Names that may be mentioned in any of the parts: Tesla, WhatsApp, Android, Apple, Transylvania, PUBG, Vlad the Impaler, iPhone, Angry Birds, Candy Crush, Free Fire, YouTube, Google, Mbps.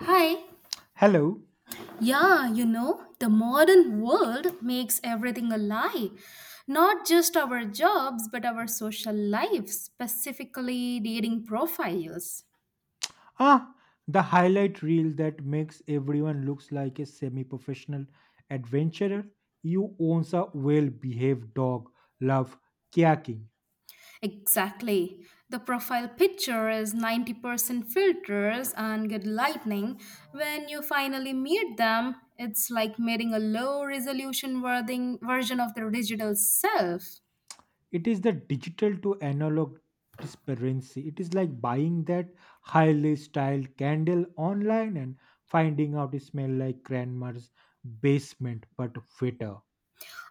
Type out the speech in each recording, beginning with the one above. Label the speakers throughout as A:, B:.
A: Hi.
B: Hello.
A: Yeah, you know, the modern world makes everything a lie. Not just our jobs, but our social lives, specifically dating profiles.
B: Ah, the highlight reel that makes everyone looks like a semi-professional adventurer. You owns a well-behaved dog. Love kayaking.
A: Exactly. The profile picture is 90% filters and good lightning. When you finally meet them, it's like meeting a low resolution version of their digital self.
B: It is the digital to analog disparity. It is like buying that highly styled candle online and finding out it smells like grandma's basement, but fitter.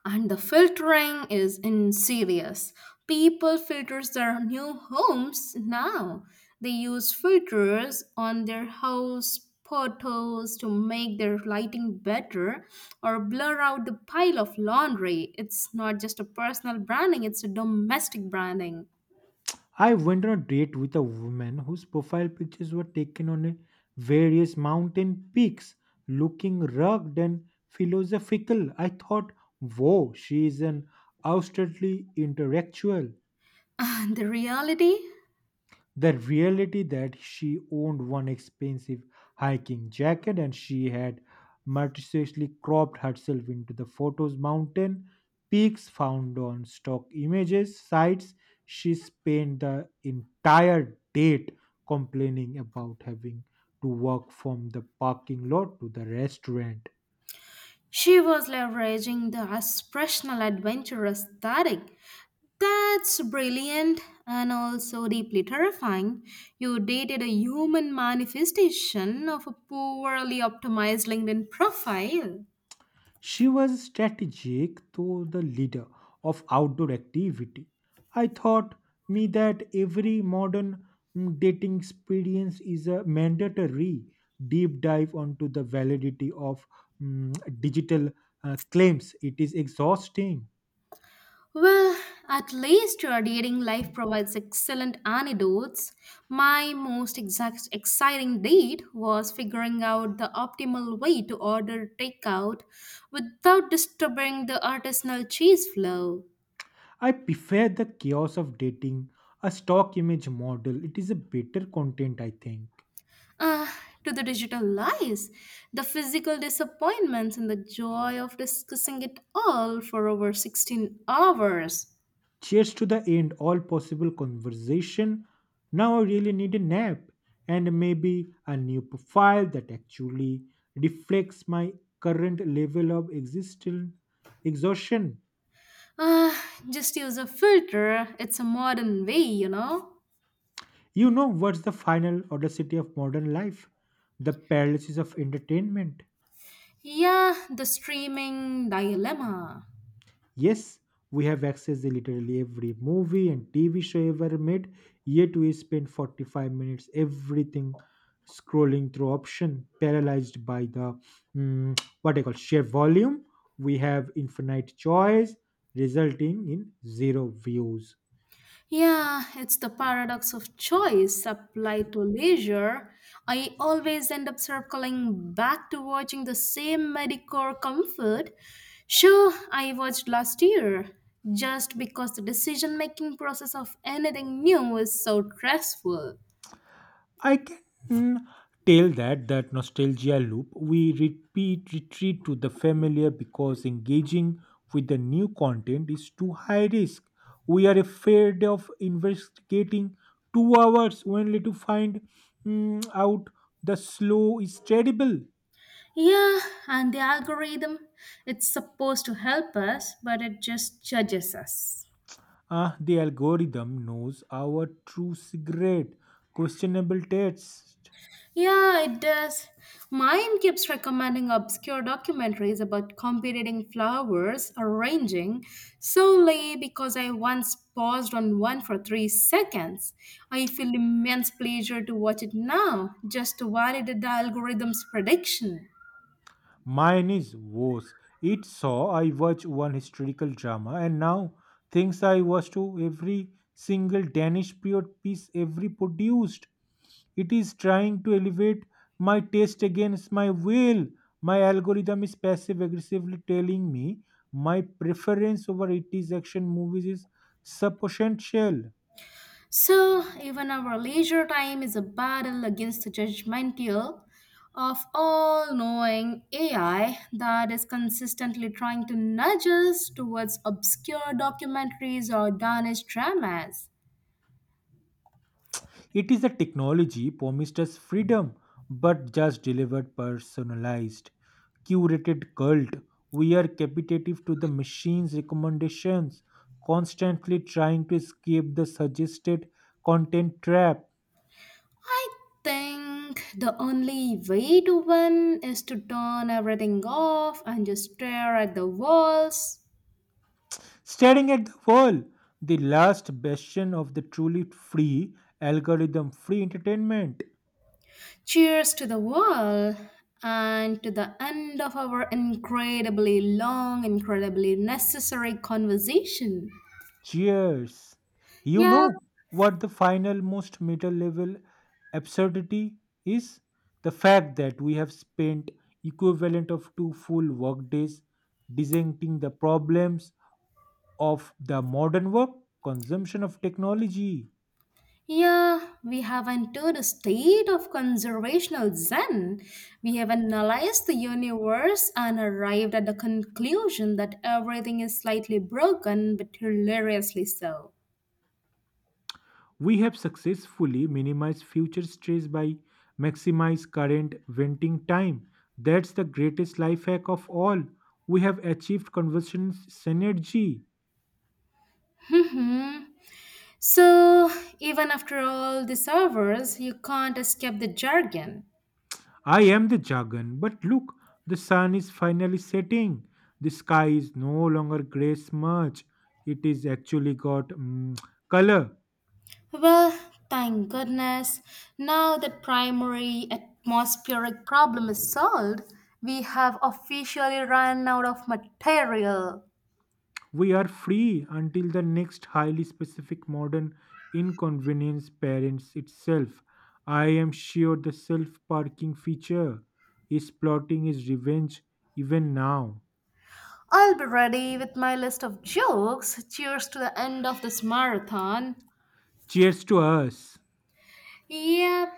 A: And the filtering is insidious. People filters their new homes now. They use filters on their house photos to make their lighting better or blur out the pile of laundry. It's not just a personal branding, it's a domestic branding.
B: I went on a date with a woman whose profile pictures were taken on a various mountain peaks, looking rugged and philosophical. I thought, whoa, she is an outwardly intellectual,
A: And the reality,
B: the reality that she owned one expensive hiking jacket and she had meticulously cropped herself into the photos mountain peaks found on stock images sites. She spent the entire date complaining about having to walk from the parking lot to the restaurant.
A: she was leveraging the aspirational adventure aesthetic. That's brilliant and also deeply terrifying. You dated a human manifestation of a poorly optimized LinkedIn profile.
B: She was strategic to the leader of outdoor activity. I thought me that every modern dating experience is a mandatory deep dive onto the validity of mm, digital claims. It is exhausting.
A: Well, at least your dating life provides excellent anecdotes. My most exact exciting date was figuring out the optimal way to order takeout without disturbing the artisanal cheese flow.
B: I prefer the chaos of dating, a stock image model. It is a better content, I think.
A: Ah, to the digital lies, the physical disappointments, and the joy of discussing it all for over 16 hours.
B: Cheers to the end, all possible conversation. Now I really need a nap and maybe a new profile that actually reflects my current level of existential exhaustion.
A: Ah, just use a filter. It's a modern way, you know?
B: You know what's the final audacity of modern life? The paralysis of entertainment.
A: Yeah, the streaming dilemma.
B: Yes, we have access to literally every movie and TV show ever made, yet we spend 45 minutes everything scrolling through option, paralyzed by the what I call sheer volume. We have infinite choice, resulting in zero views.
A: Yeah, it's the paradox of choice applied to leisure. I always end up circling back to watching the same Medicore comfort show I watched last year, just because the decision making process of anything new is so stressful.
B: I can tell that that nostalgia loop we repeat retreat to the familiar because engaging with the new content is too high risk. We are afraid of investigating 2 hours only to find out the slow is terrible.
A: Yeah, and the algorithm, it's supposed to help us, but it just judges us.
B: The algorithm knows our true cigarette, questionable taste.
A: Yeah, it does. Mine keeps recommending obscure documentaries about competing flowers arranging solely because I once paused on one for 3 seconds. I feel immense pleasure to watch it now, just to validate the algorithm's prediction.
B: Mine is worse. It saw I watch one historical drama and now thinks I was to every single Danish period piece every produced. It is trying to elevate my taste against my will. My algorithm is passive aggressively telling me my preference over 80s action movies is substantial.
A: So, even our leisure time is a battle against the judgmental of all knowing AI that is consistently trying to nudge us towards obscure documentaries or Danish dramas.
B: It is a technology promised us freedom, but just delivered personalized, curated cult. We are captive to the machine's recommendations, constantly trying to escape the suggested content trap.
A: I think the only way to win is to turn everything off and just stare at the walls.
B: Staring at the wall, the last bastion of the truly free algorithm free entertainment.
A: Cheers to the world and to the end of our incredibly long, incredibly necessary conversation.
B: Cheers. You
A: Yeah,
B: know what the final, most meta level absurdity is? The fact that we have spent equivalent of two full workdays dissecting the problems of the modern work consumption of technology.
A: yeah, we have entered a state of conservational zen. We have analyzed the universe and arrived at the conclusion that everything is slightly broken but hilariously so.
B: We have successfully minimized future stress by maximize current venting time. That's the greatest life hack of all. We have achieved conversion synergy.
A: Hmm. So, even after all these hours, you can't escape the jargon.
B: I am the jargon, but look, the sun is finally setting. The sky is no longer grey smudge. It is actually got color.
A: Well, thank goodness. Now that primary atmospheric problem is solved, we have officially run out of material.
B: We are free until the next highly specific modern inconvenience parents itself. I am sure the self parking feature is plotting his revenge even now.
A: I'll be ready with my list of jokes. Cheers to the end of this marathon.
B: Cheers to us.
A: Yep,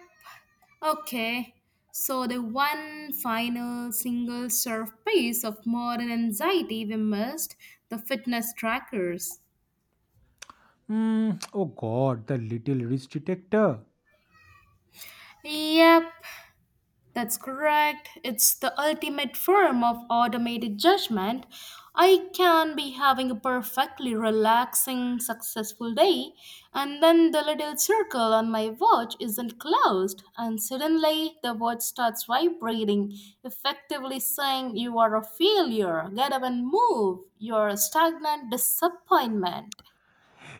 A: okay. So, the one final single serve piece of modern anxiety we missed, the fitness trackers.
B: Oh god, the little wrist detector.
A: Yep, that's correct. It's the ultimate form of automated judgment. I can be having a perfectly relaxing, successful day, and then the little circle on my watch isn't closed, and suddenly the watch starts vibrating, effectively saying, "You are a failure, get up and move, you're a stagnant disappointment."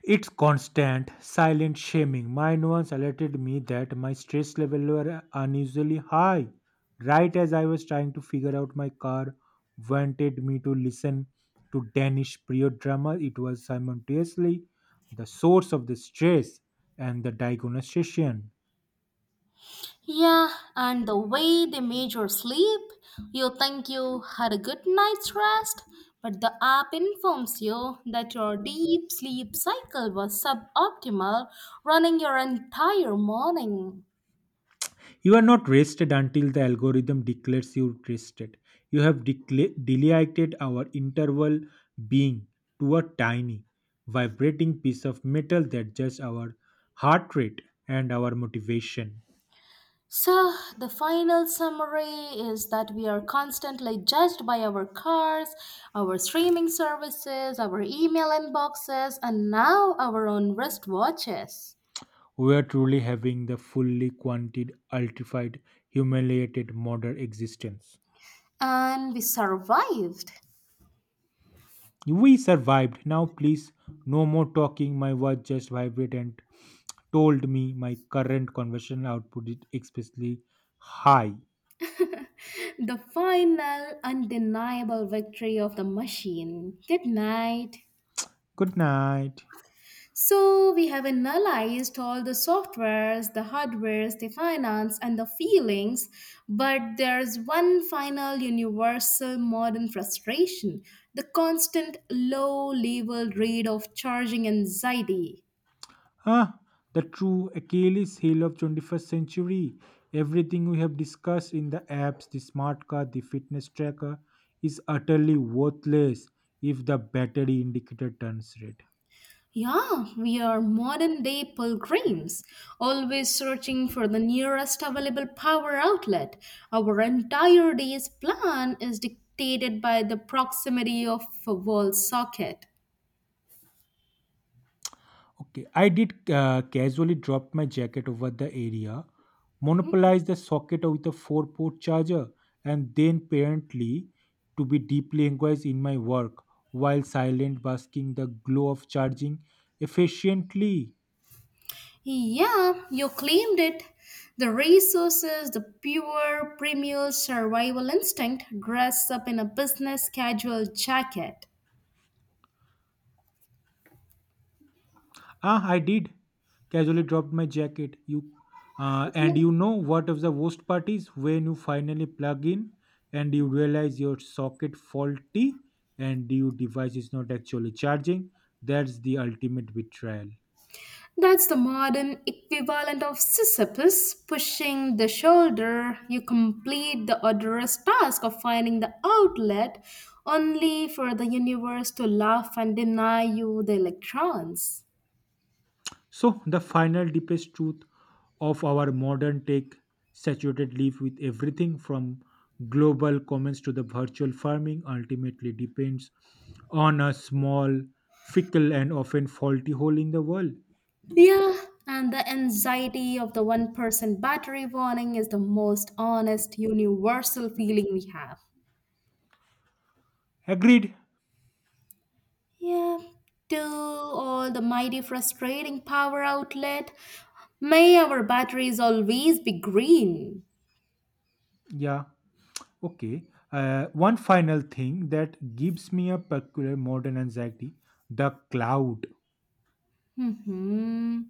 B: It's constant, silent shaming. Mine once alerted me that my stress level were unusually high. Right as I was trying to figure out my car, wanted me to listen to Danish period drama. It was simultaneously the source of the stress and the diagnostication.
A: Yeah, and the way they measure sleep, you think you had a good night's rest, but the app informs you that your deep sleep cycle was suboptimal, running your entire morning.
B: You are not rested until the algorithm declares you rested. You have delegated our interval being to a tiny, vibrating piece of metal that judges our heart rate and our motivation.
A: So, the final summary is that we are constantly judged by our cars, our streaming services, our email inboxes, and now our own wristwatches.
B: We are truly having the fully quantified, ultified, humiliated modern existence.
A: And we survived.
B: We survived. Now, please, no more talking. My watch just vibrated and told me my current conversion output is explicitly high.
A: The final undeniable victory of the machine. Good night.
B: Good night.
A: So we have analyzed all the softwares, the hardwares, the finance, and the feelings, but there's one final universal modern frustration, the constant low level rate of charging anxiety.
B: Ah, the true Achilles heel of 21st century. Everything we have discussed in the apps, the smart card, the fitness tracker is utterly worthless if the battery indicator turns red.
A: Yeah, we are modern day pilgrims, always searching for the nearest available power outlet. Our entire day's plan is dictated by the proximity of a wall socket.
B: Okay, I did casually dropped my jacket over the area, monopolized the socket with a four-port charger, and then apparently to be deeply engaged in my work while silent basking the glow of charging efficiently.
A: Yeah, you claimed it. The resources, the pure, primal survival instinct dress up in a business casual jacket.
B: I did. Casually dropped my jacket. You And you know what of the worst part is when you finally plug in and you realize your socket faulty and your device is not actually charging. That's the ultimate betrayal.
A: That's the modern equivalent of Sisyphus pushing the shoulder. You complete the odorous task of finding the outlet only for the universe to laugh and deny you the electrons.
B: So the final deepest truth of our modern tech saturated life with everything from global comments to the virtual farming ultimately depends on a small fickle and often faulty hole in the wall.
A: Yeah, and the anxiety of the 1% battery warning is the most honest universal feeling we have.
B: Agreed.
A: Yeah, to all the mighty frustrating power outlet, may our batteries always be green.
B: Yeah. Okay. One final thing that gives me a peculiar modern anxiety, the cloud.
A: Hmm.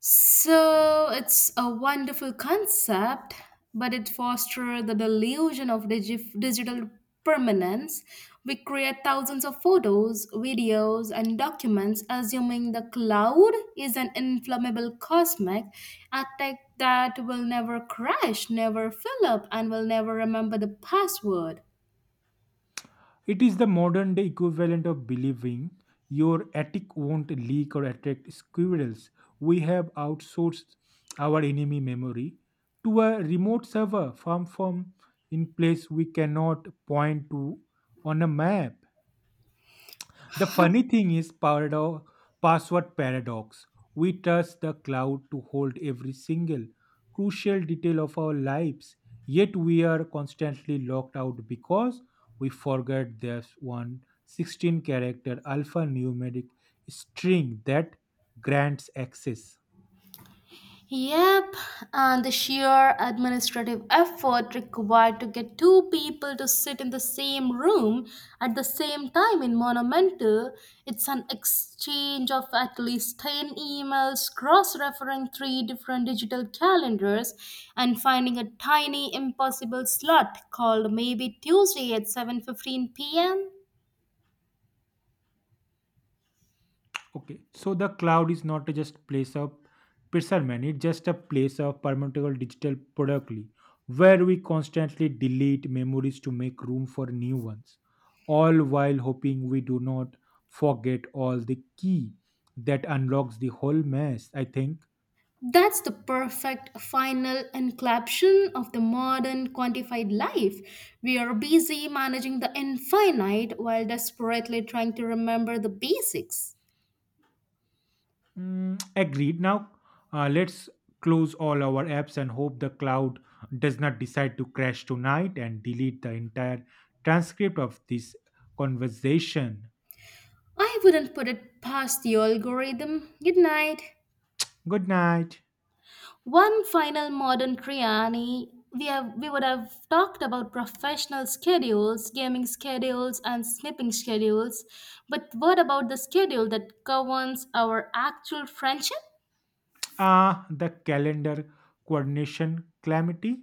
A: So it's a wonderful concept, but it fosters the delusion of digital permanence. We create thousands of photos, videos, and documents, assuming the cloud is an inflammable cosmic attack that will never crash, never fill up, and will never remember the password.
B: It is the modern day equivalent of believing your attic won't leak or attract squirrels. We have outsourced our enemy memory to a remote server farm from in place we cannot point to on a map. The funny thing is password paradox. We trust the cloud to hold every single crucial detail of our lives, yet we are constantly locked out because we forget there's one 16 character alphanumeric string that grants access.
A: Yep, and the sheer administrative effort required to get two people to sit in the same room at the same time in Monumental. It's an exchange of at least 10 emails, cross referring three different digital calendars, and finding a tiny impossible slot called maybe Tuesday at 7:15 p.m.
B: Okay, so the cloud is not just place of preservation; it's just a place of permutable digital productly, where we constantly delete memories to make room for new ones, all while hoping we do not forget all the key that unlocks the whole mess, I think.
A: That's the perfect final encapsulation of the modern quantified life. We are busy managing the infinite while desperately trying to remember the basics.
B: Mm, agreed. Now, let's close all our apps and hope the cloud does not decide to crash tonight and delete the entire transcript of this conversation.
A: I wouldn't put it past the algorithm. Good night.
B: Good night.
A: One final modern Kriani. We would have talked about professional schedules, gaming schedules, and sleeping schedules. But what about the schedule that governs our actual friendship?
B: The calendar coordination calamity.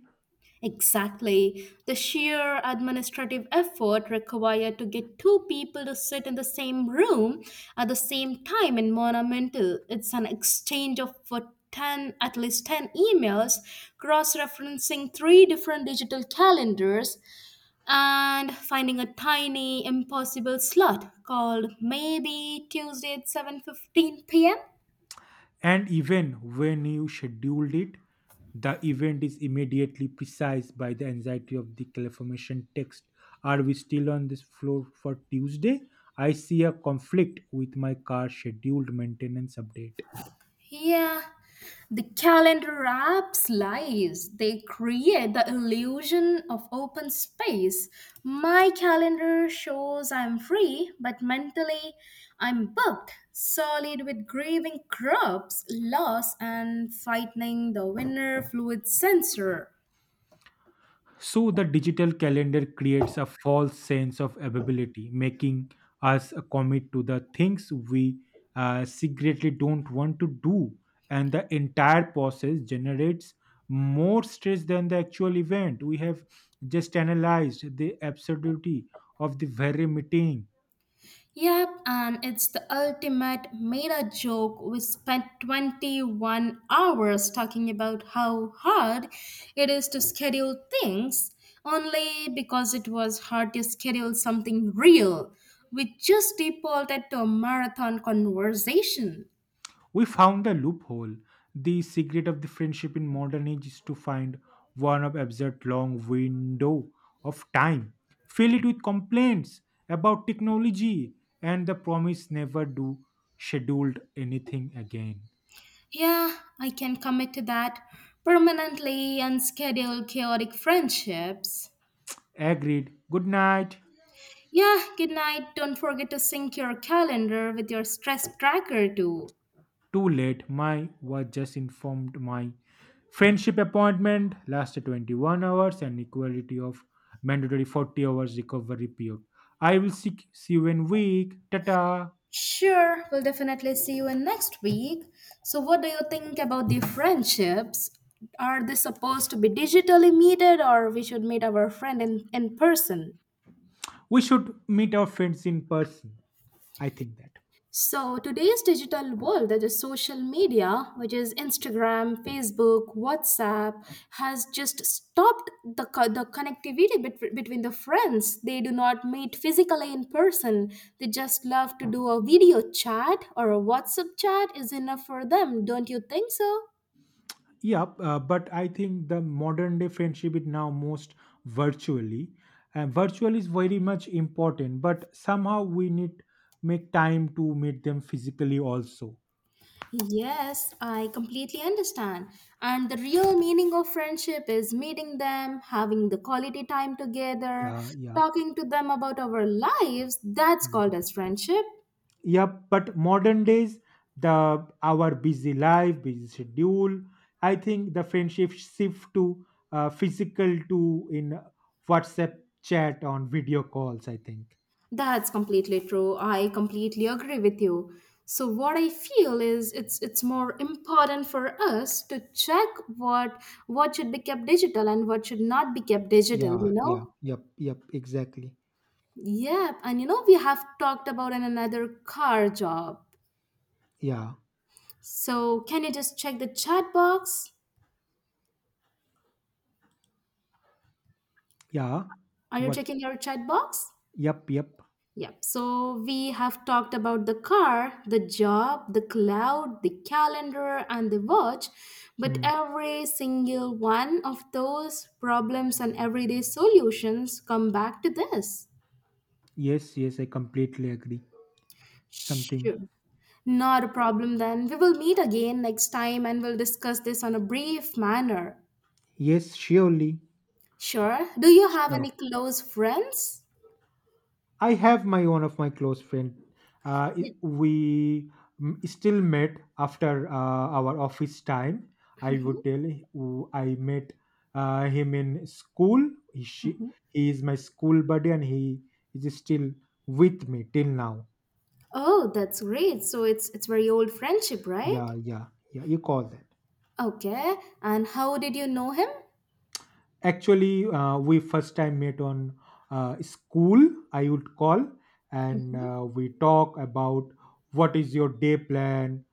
A: Exactly. The sheer administrative effort required to get two people to sit in the same room at the same time in monumental. It's an exchange of at least 10 emails, cross referencing three different digital calendars, and finding a tiny, impossible slot called maybe Tuesday at 7:15 p.m.
B: And even when you scheduled it, the event is immediately precise by the anxiety of the confirmation text. Are we still on this floor for Tuesday? I see a conflict with my car scheduled maintenance update.
A: Yeah, the calendar apps lies. They create the illusion of open space. My calendar shows I'm free, but mentally I'm booked, solid with grieving crops, loss, and fighting the winter fluid sensor.
B: So the digital calendar creates a false sense of availability, making us commit to the things we secretly don't want to do, and the entire process generates more stress than the actual event. We have just analyzed the absurdity of the very meeting.
A: Yep, and it's the ultimate made a joke. We spent 21 hours talking about how hard it is to schedule things, only because it was hard to schedule something real. We just defaulted to a marathon conversation.
B: We found the loophole. The secret of the friendship in modern age is to find one of absurd long window of time, fill it with complaints about technology and the promise never do scheduled anything again.
A: Yeah, I can commit to that. Permanently unscheduled chaotic friendships.
B: Agreed. Good night.
A: Yeah, good night. Don't forget to sync your calendar with your stress tracker too.
B: Too late. My was just informed my friendship appointment lasted 21 hours and equality of mandatory 40 hours recovery period. I will see you in week. Tata.
A: Sure, we'll definitely see you in next week. So, what do you think about the friendships? Are they supposed to be digitally meted, or we should meet our friend in person?
B: We should meet our friends in person. I think that.
A: So, today's digital world, that is social media, which is Instagram, Facebook, WhatsApp, has just stopped the between the friends. They do not meet physically in person. They just love to do a video chat or a WhatsApp chat is enough for them. Don't you think so?
B: Yeah, but I think the modern day friendship is now most virtually, and virtual is very much important, but somehow we need make time to meet them physically also.
A: Yes, I completely understand. And the real meaning of friendship is meeting them, having the quality time together,
B: Yeah, yeah,
A: talking to them about our lives. That's called as friendship.
B: yeah, but modern days, the our busy life busy schedule, I think the friendship shift to physical to in WhatsApp chat on video calls, I think.
A: That's completely true. I completely agree with you. So what I feel is it's more important for us to check what what should be kept digital and what should not be kept digital, you
B: Yeah, yeah,
A: know?
B: yep, yep, exactly.
A: Yep, and you know we have talked about in another car job.
B: Yeah,
A: So can you just check the chat box?
B: yeah.
A: Are you
B: What?
A: checking your chat box?
B: Yep, yep.
A: Yep. So we have talked about the car, the job, the cloud, the calendar, and the watch. But
B: Hmm.
A: every single one of those problems and everyday solutions come back to this.
B: Yes, yes, I completely agree. Something.
A: Sure. Not a problem then. We will meet again next time and we'll discuss this on a brief manner.
B: Yes, surely.
A: Sure. Do you have
B: Sure.
A: any close friends?
B: I have my one of my close friend.
A: Yeah.
B: We still met after our office time. I
A: Mhm.
B: would tell I met him in school. He, she,
A: Mhm.
B: he is my school buddy, and he is still with me till now.
A: Oh, that's great. So it's very old friendship, right?
B: Yeah, yeah, yeah. You call that.
A: Okay. And how did you know him?
B: Actually, we first time met on school, I would call, and
A: Hmm.
B: we talk about what is your day plan,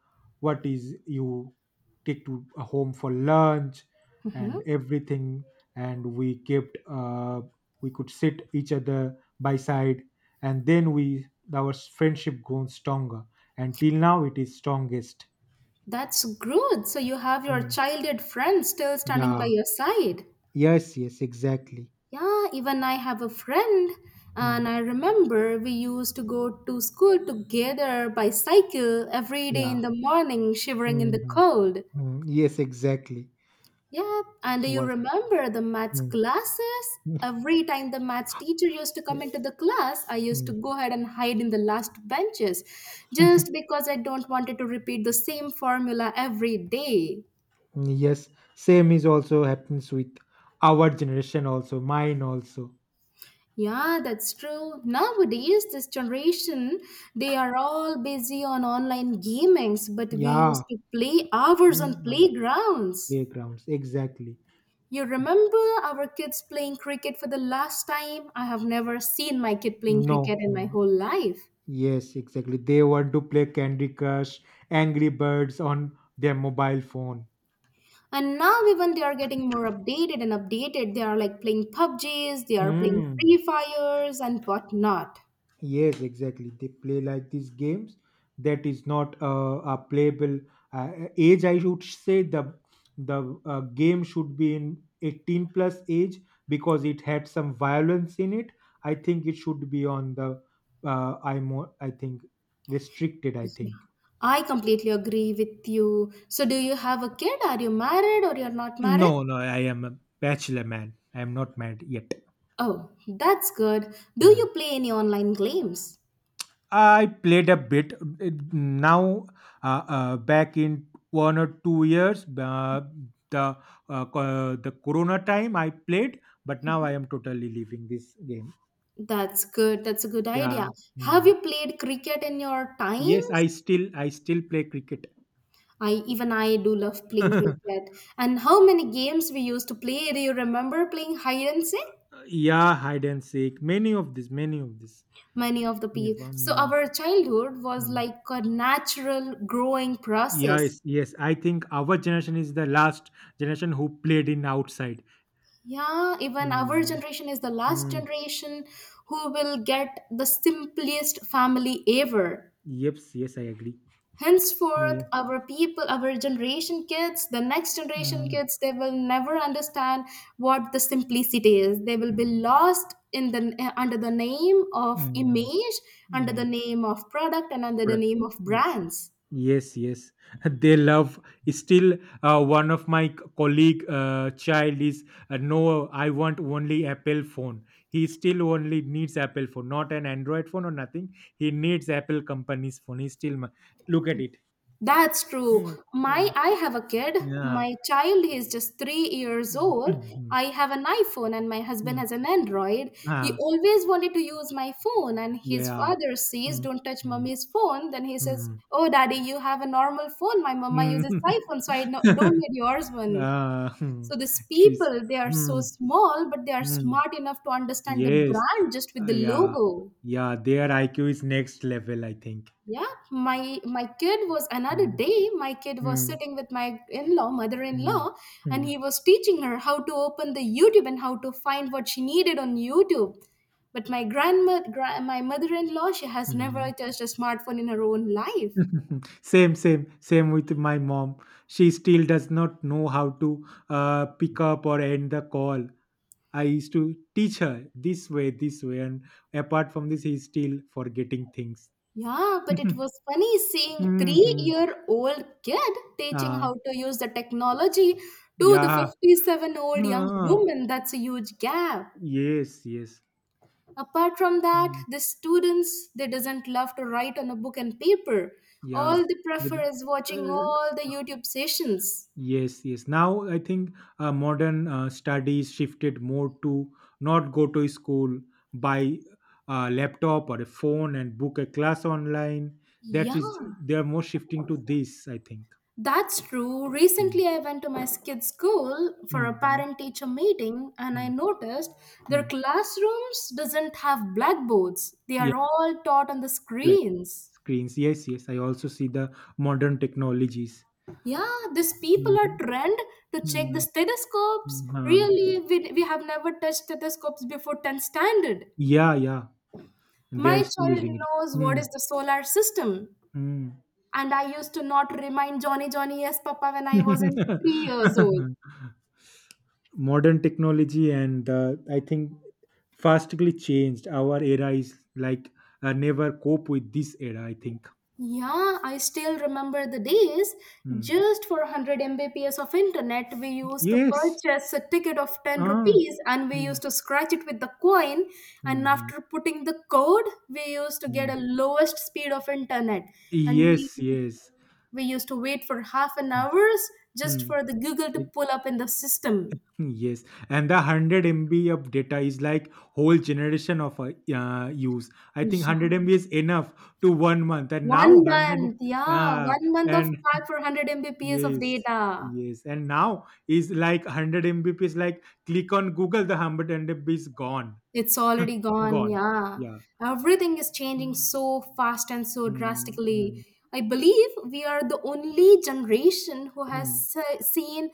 B: what is you take to home for lunch
A: Hmm.
B: and everything, and we kept we could sit each other by side, and then we our friendship grown stronger, and till now it is strongest.
A: That's good. So you have your
B: Mm.
A: childhood friend still standing by
B: Yeah,
A: your side.
B: yes, yes, exactly.
A: Yeah, even I have a friend,
B: Mm.
A: and I remember we used to go to school together by cycle every day
B: Yeah.
A: in the morning, shivering in the
B: Mhm.
A: cold.
B: Mm, yes, exactly.
A: Yeah, and do you
B: Was
A: remember the maths
B: mm,
A: classes?
B: mm,
A: Every time the maths teacher used to come
B: yeah,
A: into the class, I used to
B: mm,
A: go ahead and hide in the last benches just because I don't wanted to repeat the same formula every day.
B: yes, same is also happens with our generation also, mine also.
A: Yeah, that's true. Nowadays, this generation, they are all busy on online gamings, but we
B: Yeah,
A: used to play hours on
B: mm, uh,
A: playgrounds.
B: playgrounds exactly.
A: You remember our kids playing cricket for the last time? I have never seen my kid playing cricket
B: No,
A: in my
B: mm,
A: whole life.
B: yes, exactly. They want to play Candy Crush, Angry Birds on their mobile phone.
A: And now even they are getting more updated and updated. They are like playing PUBGs, they are playing
B: Mm.
A: Free Fires and whatnot.
B: Yes, exactly. They play like these games that is not a playable uh, age. I should say the game should be in 18 plus age because it had some violence in it. I think it should be on the I think restricted, I
A: Yeah.
B: think.
A: I completely agree with you. So do you have a kid? Are you married or you're not married?
B: No, no, I am a bachelor man. I am not married yet.
A: Oh, that's good. Do you play any online games?
B: I played a bit now back in 1 or 2 years. The the Corona time I played, but now I am totally leaving this game.
A: That's good. That's a good
B: Yeah.
A: idea. Have
B: Hmm.
A: you played cricket in your
B: Yes,
A: times?
B: I still play cricket.
A: I do love playing cricket. And how many games we used to play? Do you remember playing hide and seek?
B: Yeah, hide and seek. Many of this, many of this.
A: Many of the
B: If,
A: people. So our childhood was
B: hmm.
A: like a natural growing process.
B: Yes, yes. I think our generation is the last generation who played in outside.
A: Yeah, even our
B: Mm,
A: generation is the last
B: mm.
A: generation who will get the simplest family ever.
B: Yes, yes, I agree. No,
A: Henceforth
B: yeah.
A: our people, our generation kids, the next generation
B: Mm,
A: kids, they will never understand what the simplicity is. They will be lost in the under the name of
B: mm,
A: image, under the
B: image.
A: name of product, and under the
B: Product.
A: name of
B: Yep.
A: brands.
B: Yes, yes. They love. Still, one of my colleague child is no. I want only Apple phone. He still only needs Apple phone, not an Android phone or nothing. He needs Apple company's phone. He still look at it.
A: That's true.
B: Mm,
A: My
B: mm,
A: I have a kid.
B: yeah.
A: My child he is just 3 years
B: Mm,
A: old.
B: mm,
A: I have an iPhone and my husband
B: mm.
A: has an Android. He
B: Ah,
A: always wanted to use my phone and his
B: yeah.
A: father says,
B: Mm,
A: "Don't touch
B: mm,
A: mommy's phone." Then he says,
B: mm.
A: "Oh daddy, you have a normal phone. My mama
B: Mm.
A: uses iPhone, so I don't need yours one."
B: Ah, hmm.
A: So these
B: She's.
A: people, they are so
B: Hmm.
A: small, but they are
B: Mm,
A: smart enough to understand the
B: yes.
A: brand just with the
B: Yeah.
A: logo.
B: Yeah. Their IQ is next level, I think.
A: Yeah, my kid was another
B: Mm,
A: day. My kid was
B: mm,
A: sitting with my in-law,
B: mm,
A: mother-in-law, and he
B: mm,
A: was teaching her how to open the YouTube and how to find what she needed on YouTube. But my grandma, my mother-in-law, she has never
B: mm.
A: touched a smartphone in her own life.
B: Same, same, same with my mom. She still does not know how to pick up or end the call. I used to teach her this way, and apart from this, he's still forgetting things.
A: Yeah, but it was funny seeing
B: Mm-hmm.
A: three-year-old kid teaching
B: uh,
A: how to use the technology to the
B: yeah.
A: 57-old young
B: Ah,
A: woman. That's a huge gap.
B: yes, yes.
A: Apart from that,
B: Mm,
A: the students they doesn't love to write on a book and paper. All
B: yeah.
A: they
B: The-
A: prefer
B: d-
A: is watching all the
B: uh,
A: YouTube sessions.
B: Yes, yes. Now I think modern studies shifted more to not go to school, buy a laptop or a phone and book a class online. That
A: Yeah,
B: is, they are more shifting to this, I think.
A: that's true.
B: Mm,
A: Recently I went to my kid's school for
B: mm,
A: a
B: mm,
A: parent teacher meeting and I
B: mm,
A: noticed their
B: mm.
A: classrooms doesn't have blackboards, they
B: Yeah,
A: are all taught on the
B: flat
A: screens.
B: screens. Yes, yes. I also see the modern technologies.
A: Yeah, these people are
B: Mm,
A: trained to check the
B: mm,
A: stethoscopes.
B: mm, uh,
A: Really, we have never touched stethoscopes before 10th standard.
B: yeah, yeah. They are
A: My
B: still
A: child
B: using it.
A: knows what is the solar system.
B: Mm,
A: And I used to not remind Johnny, Johnny, yes, Papa, when I was in 3 years old.
B: mm. Modern technology, and I think fastly changed our era is like never cope with this era, I think.
A: Yeah, I still remember the days.
B: Hmm.
A: Just for 100 Mbps of internet, we used to
B: Yes.
A: purchase a ticket of 10
B: Ah.
A: rupees and we
B: Hmm.
A: used to scratch it with the coin. And
B: Hmm, hmm,
A: after putting the code, we used to get
B: hmm.
A: a lowest speed of internet. And
B: Yes, yes.
A: we used to wait for half an hours just
B: Hmm.
A: for the Google to
B: It-
A: pull up in the system.
B: yes, and the 100 MB of data is like whole generation of use, I think
A: Yeah.
B: 100 MB is enough to 1 month, and now
A: One
B: 100,
A: month, yeah,
B: yeah.
A: one month of
B: And
A: pack for 100 Mbps of
B: yes,
A: data.
B: yes. And now is like 100 Mbps, like click on Google, the 100 Mbps is gone.
A: It's already gone,
B: Gone.
A: yeah.
B: Yeah.
A: Everything is changing
B: Mm,
A: so fast and so
B: mm,
A: drastically.
B: mm,
A: I believe we are the only generation who has
B: mm.
A: seen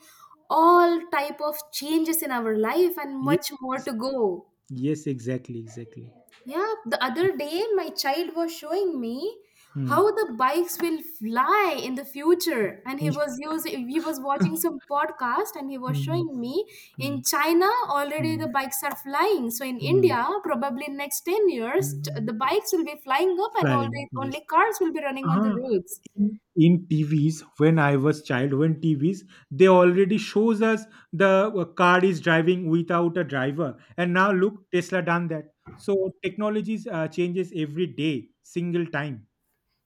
A: all type of changes in our life and
B: Yes,
A: much more to go.
B: yes, exactly, exactly.
A: Yeah, the other day my child was showing me
B: Mm.
A: how the bikes will fly in the future, and he was using, he was watching some podcast and he was
B: Mm,
A: showing me in
B: mm,
A: China already the
B: mm,
A: bikes are flying. So in
B: mm,
A: India probably in next 10 years
B: mm.
A: the bikes will be flying up and all
B: Flying,
A: the
B: yes.
A: only cars will be running on the
B: uh
A: roads.
B: in TVs, when I was child, when TVs, they already shows us the car is driving without a driver, and now look, Tesla done that. So technologies changes every day, single time.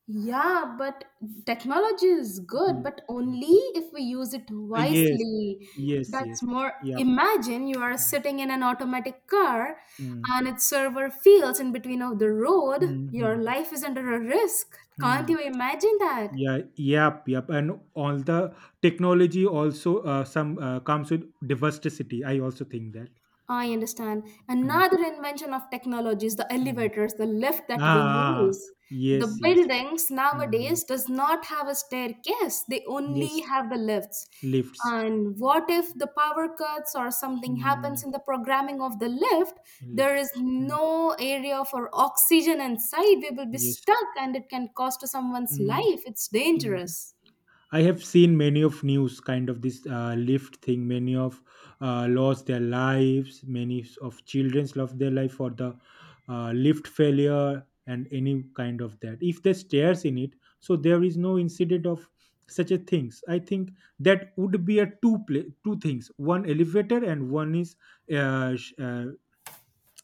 A: Yeah, but technology is good,
B: Mm.
A: but
B: Mm.
A: only if we use it
B: Yes,
A: wisely.
B: yes,
A: That's
B: yes.
A: more.
B: Yep.
A: Imagine you are sitting in an automatic car
B: Mm.
A: and its server fails in between of the road. Your
B: Mm-hmm.
A: life is under a risk. Can't
B: Mm.
A: you imagine that?
B: Yeah, yep, yep. And all the technology also some comes with diversity. I also think that.
A: I understand. Another invention of technology is the
B: Mm.
A: elevators, the lift that we
B: Ah, ah,
A: use. The
B: yes, yes.
A: buildings
B: Mm,
A: nowadays does not have a staircase. They
B: yes,
A: only have the lifts.
B: lifts.
A: And what if the power cuts or something happens
B: Mm,
A: in the programming of the lift? There
B: lift.
A: is
B: Mm,
A: no area for oxygen inside. We will be
B: yes.
A: stuck and it can cost someone's
B: Mm,
A: life. It's
B: mm.
A: dangerous.
B: I have seen many of news kind of this lift thing. Many of lost their lives. Many of children's lost their life for the lift failure and any kind of that. If there's stairs in it, so there is no incident of such a things. I think that would be a two play two things. One elevator and one is uh, sh- uh,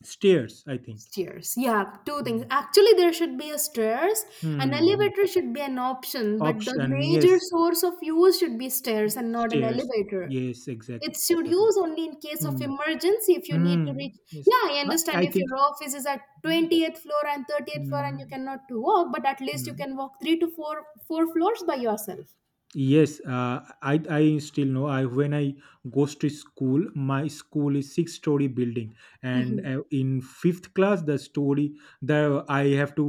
B: stairs, I think.
A: Stairs. Yeah, two things.
B: Mm.
A: Actually, there should be a stairs. An
B: Mm, mm.
A: elevator should be an option, but the
B: Option,
A: major
B: yes.
A: source of use should be stairs and not an
B: Stairs.
A: elevator.
B: Yes,
A: It
B: exactly,
A: should
B: exactly.
A: use only in case of
B: Mm.
A: emergency if you need to
B: Mm,
A: reach.
B: yes.
A: Yeah, I
B: I
A: understand
B: I
A: if
B: think
A: your office is at 20th floor and 30th floor and you
B: mm,
A: cannot to walk, but at least you
B: mm.
A: can walk three to four floors by yourself.
B: Yes, I still know. I When I goes to school, my school is six-story building, and
A: Mhm.
B: in fifth class, the I have to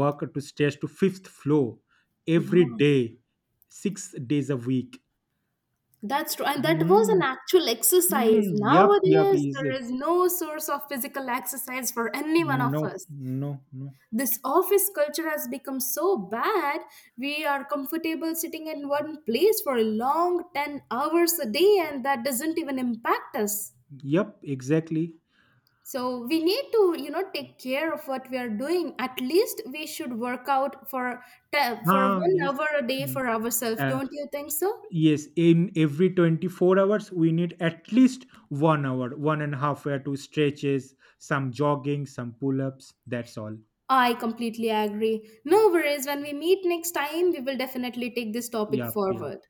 B: walk to stairs to fifth floor
A: Yeah,
B: every day, 6 days a week.
A: that's true. And that was an actual exercise.
B: Mm, yep, yep,
A: Nowadays, there
B: easy.
A: is no source of physical exercise for any one of
B: No,
A: us.
B: no, no.
A: This office culture has become so bad, we are comfortable sitting in one place for a long 10 hours a day, and that doesn't even impact us.
B: Yep, exactly.
A: So we need to, you know, take care of what we are doing. At least we should work out for for
B: Ah,
A: one
B: yes.
A: hour a day
B: Mm.
A: for ourselves.
B: Uh,
A: Don't you think so?
B: yes, in every 24 hours, we need at least 1 hour, one and a half hour to stretches, some jogging, some pull ups. That's all.
A: I completely agree. No worries. When we meet next time, we will definitely take this topic
B: Yep, yep.
A: forward.